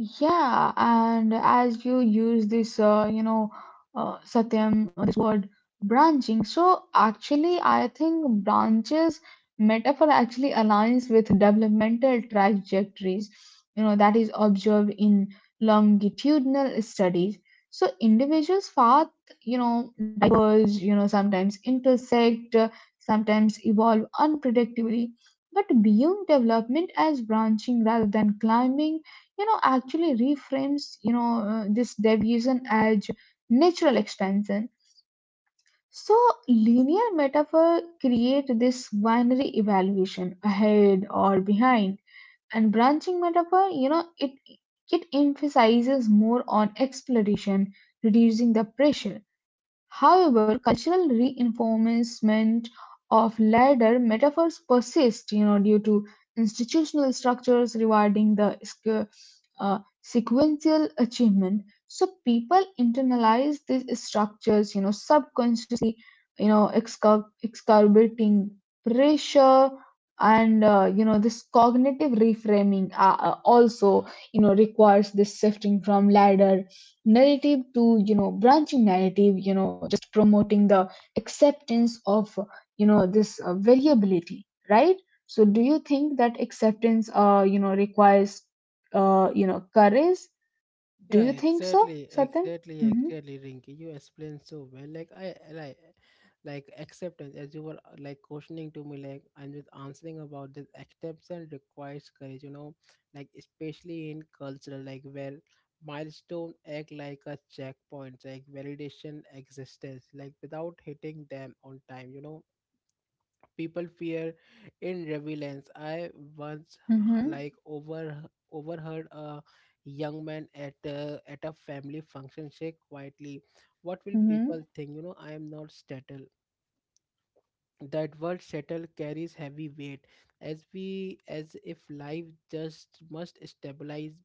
Speaker 2: Yeah, and as you use this, you know, Satyam, this word branching. So actually, I think branches metaphor actually aligns with developmental trajectories, you know, that is observed in longitudinal studies. So individuals' path, you know, diverge, you know, sometimes intersect, sometimes evolve unpredictably. But viewing development as branching rather than climbing, you know, actually reframes, you know, this deviation as natural expansion. So linear metaphor create this binary evaluation ahead or behind, and branching metaphor, you know, it emphasizes more on exploration, reducing the pressure. However, cultural reinforcement of ladder metaphors persists due to institutional structures rewarding the sequential achievement. So people internalize these structures, you know, subconscious, you know, exacerbating pressure, and you know this cognitive reframing also you know requires this shifting from ladder narrative to you know branching narrative, you know, promoting the acceptance of you know this variability, right? So do you think that acceptance you know requires you know courage? Do
Speaker 1: Yeah,
Speaker 2: you think so,
Speaker 1: exactly,
Speaker 2: Satyam?
Speaker 1: exactly,
Speaker 2: Mm-hmm.
Speaker 1: exactly, Rinky. You explained so well. Like. Like acceptance, as you were like questioning to me, like and with answering about this acceptance requires courage, you know, like especially in cultural like where milestone act like a checkpoint, like validation existence, like without hitting them on time, you know people fear in relevance. I once like
Speaker 2: Mm-hmm.
Speaker 1: overheard a young man at a family function say quietly, "What will people
Speaker 2: Mm-hmm.
Speaker 1: think?" You know, I am not settled. That word settle carries heavy weight, as we as if life just must stabilize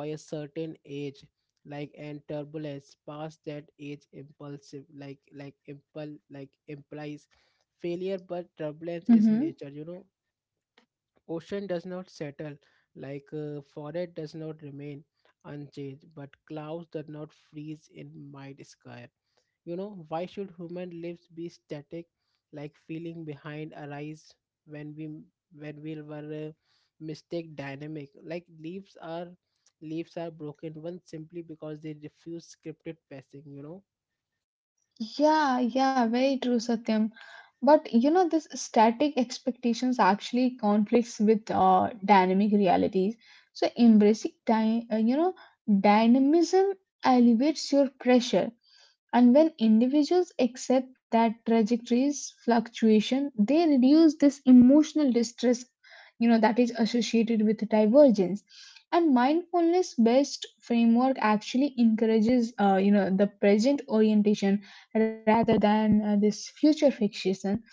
Speaker 1: by a certain age, like and turbulence past that age impulsive, like impul like implies failure, but turbulence is
Speaker 2: Mm-hmm.
Speaker 1: nature, you know. Ocean does not settle, forest does not remain unchanged, but clouds do not freeze in mid sky. You know, why should human lives be static, like feeling behind arise when we, when we were mistake dynamic? Like leaves are broken one simply because they refuse scripted passing. You know.
Speaker 2: Yeah, yeah, very true, Satyam. But you know this static expectations actually conflicts with dynamic realities. So embracing you know dynamism elevates your pressure. And when individuals accept that trajectories fluctuation, they reduce this emotional distress, you know, that is associated with divergence. And mindfulness based framework actually encourages, you know, the present orientation rather than this future fixation.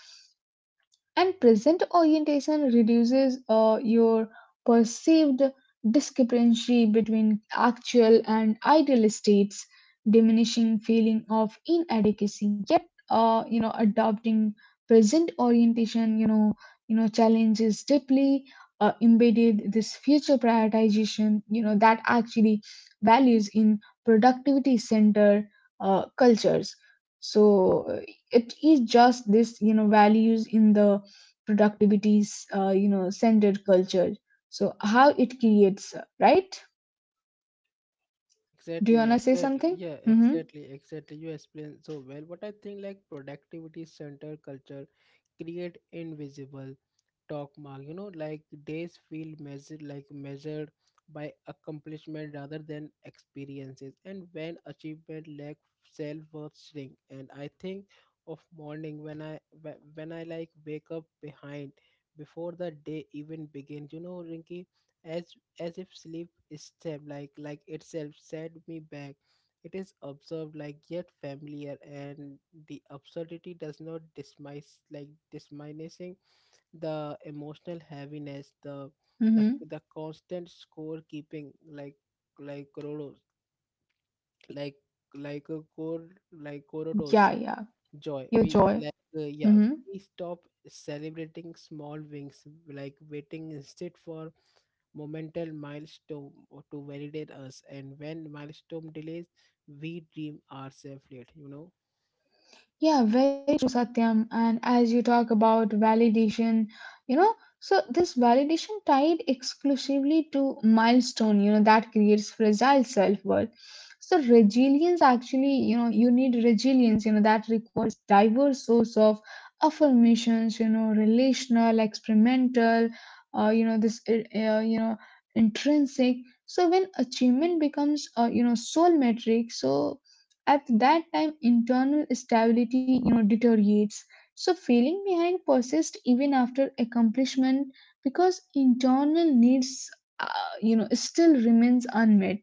Speaker 2: And present orientation reduces your perceived discrepancy between actual and ideal states, diminishing feeling of inadequacy. Yet, you know, adopting present orientation, you know, challenges deeply embedded this future prioritization, you know, that actually values in productivity center cultures. So it is just this you know values in the productivities, you know centered culture, so how it creates, right? Do you
Speaker 1: Exactly,
Speaker 2: want to say
Speaker 1: exactly.
Speaker 2: something?
Speaker 1: Yeah,
Speaker 2: Mm-hmm.
Speaker 1: exactly, exactly. You explained so well. But I think like productivity center culture create invisible talk mark, you know, like days feel measured, like measured by accomplishment rather than experiences, and when achievement lack self-worth shrink. And I think of morning when I, when I like wake up behind before the day even begins, you know, Rinky, as as if sleep is step, like itself set me back. It is observed like yet familiar, and the absurdity does not dismiss like disminishing the emotional heaviness, the the
Speaker 2: Mm-hmm.
Speaker 1: the constant scorekeeping, like Corodos, like like a core like Corodos
Speaker 2: Yeah, yeah,
Speaker 1: joy
Speaker 2: your
Speaker 1: we
Speaker 2: joy.
Speaker 1: like yeah,
Speaker 2: Mm-hmm.
Speaker 1: we stop celebrating small wings, like waiting instead for momental milestone or to validate us, and when milestone delays we dream ourselves late, you know.
Speaker 2: Yeah, very true, Satyam. And as you talk about validation, you know, so this validation tied exclusively to milestone, you know, that creates fragile self-worth. So resilience actually, you know, you need resilience, you know, that requires diverse source of affirmations, you know, relational, experimental, you know, this, you know, intrinsic. So when achievement becomes, you know, sole metric, so at that time internal stability you know deteriorates, so feeling behind persists even after accomplishment because internal needs uh, you know still remains unmet,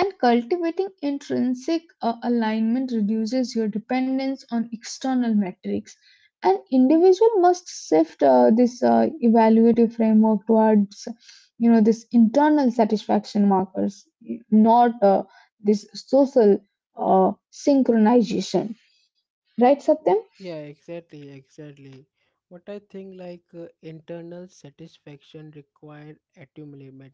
Speaker 2: and cultivating intrinsic alignment reduces your dependence on external metrics. An individual must shift this evaluative framework towards, you know, this internal satisfaction markers, not this social synchronization. Right, Satyam?
Speaker 1: Yeah, exactly, exactly. What I think like internal satisfaction required attunement,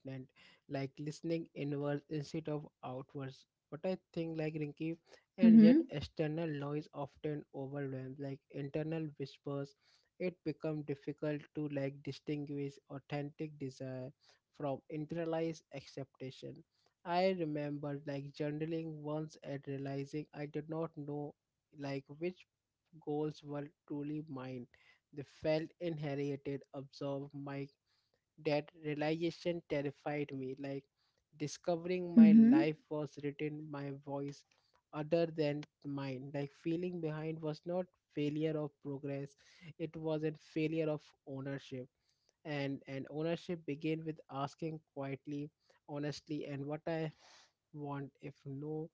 Speaker 1: like listening inwards instead of outwards. What I think like Rinky, and yet
Speaker 2: Mm-hmm.
Speaker 1: external noise often overwhelms like internal whispers. It becomes difficult to like distinguish authentic desire from internalized acceptation. I remember like journaling once and realizing I did not know like which goals were truly mine. They felt inherited, absorbed. My That realization terrified me, like discovering my
Speaker 2: Mm-hmm.
Speaker 1: life was written my voice other than mine. Like feeling behind was not failure of progress, it was a failure of ownership. And ownership begin with asking quietly, honestly, and what I want if no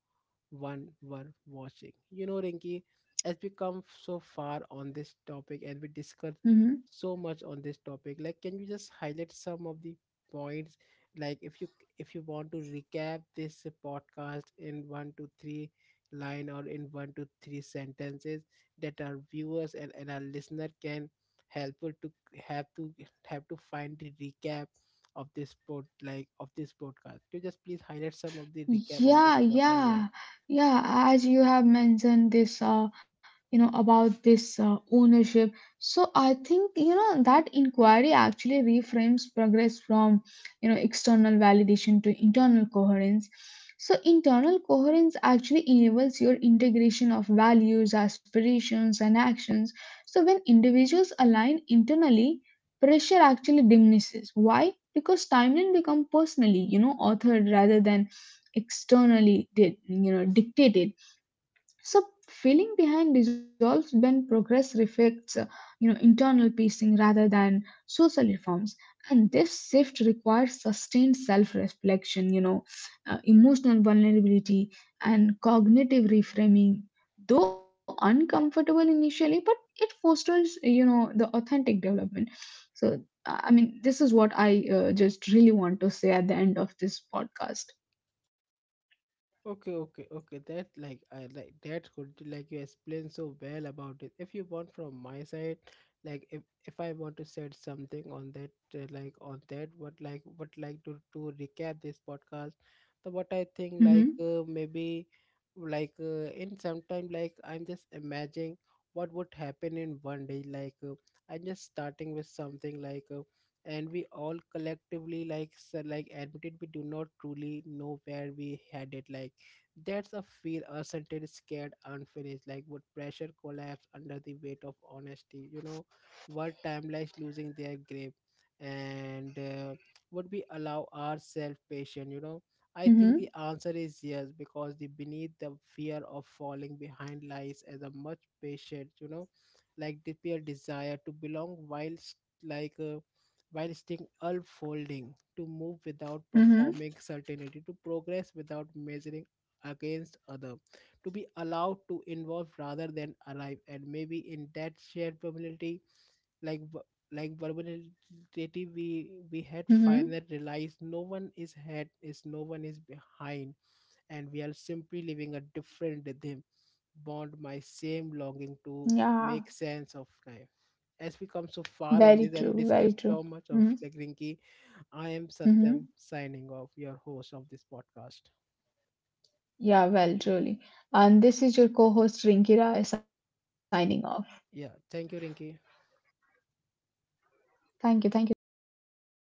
Speaker 1: one were watching, you know, Rinki? As we come so far on this topic and we discuss
Speaker 2: Mm-hmm.
Speaker 1: so much on this topic, like can you just highlight some of the points, like if you, if you want to recap this podcast in one to three line or in one to three sentences that our viewers and our listener can helpful to have to have to find the recap of this pod like of this podcast. Could you just please highlight some of the recap of this
Speaker 2: Yeah,
Speaker 1: podcast? Yeah.
Speaker 2: yeah, yeah. As you have mentioned this, you know, about this ownership. So I think, you know, that inquiry actually reframes progress from, you know, external validation to internal coherence. So internal coherence actually enables your integration of values, aspirations, and actions. So when individuals align internally, pressure actually diminishes. Why? Because timeline become personally, you know, authored rather than externally did you know dictated. So feeling behind dissolves when progress reflects you know internal pacing rather than social reforms, and this shift requires sustained self-reflection, you know, emotional vulnerability and cognitive reframing, though uncomfortable initially, but it fosters you know the authentic development. So I mean this is what I just really want to say at the end of this podcast.
Speaker 1: Okay, okay, okay. That like I like that could like you explain so well about it. If you want from my side, like if I want to said something on that, like on that, what like to recap this podcast, the
Speaker 2: Hmm.
Speaker 1: what I think like maybe like in some time like I'm just imagining what would happen in one day. Like I'm just starting with something like. And we all collectively like like admitted we do not truly know where we had it, like that's a feel, a sentence scared unfinished. Like would pressure collapse under the weight of honesty? You know, what timelines losing their grip, and would we allow ourselves patience? You know, I
Speaker 2: Hmm.
Speaker 1: think the answer is yes, because the beneath the fear of falling behind lies as a much patient. You know, like the pure desire to belong whilst like. While staying unfolding, to move without
Speaker 2: Mm-hmm.
Speaker 1: performing certainty, to progress without measuring against other, to be allowed to involve rather than arrive. And maybe in that shared vulnerability, like v- like vulnerability, we had
Speaker 2: Mm-hmm.
Speaker 1: finally realized no one is ahead is no one is behind, and we are simply living a different rhythm, bond my same longing to
Speaker 2: Yeah,
Speaker 1: make sense of life. As we come so far
Speaker 2: very
Speaker 1: on this and
Speaker 2: true.
Speaker 1: we
Speaker 2: Very
Speaker 1: discussed
Speaker 2: true.
Speaker 1: so much of
Speaker 2: Mm-hmm.
Speaker 1: like Rinki, I am
Speaker 2: Mm-hmm.
Speaker 1: Satyam signing off, your host of this podcast.
Speaker 2: Yeah, well, truly. And this is your co-host Rinki Rai signing off.
Speaker 1: Yeah, thank you, Rinki.
Speaker 2: Thank you. Thank you, Satyam.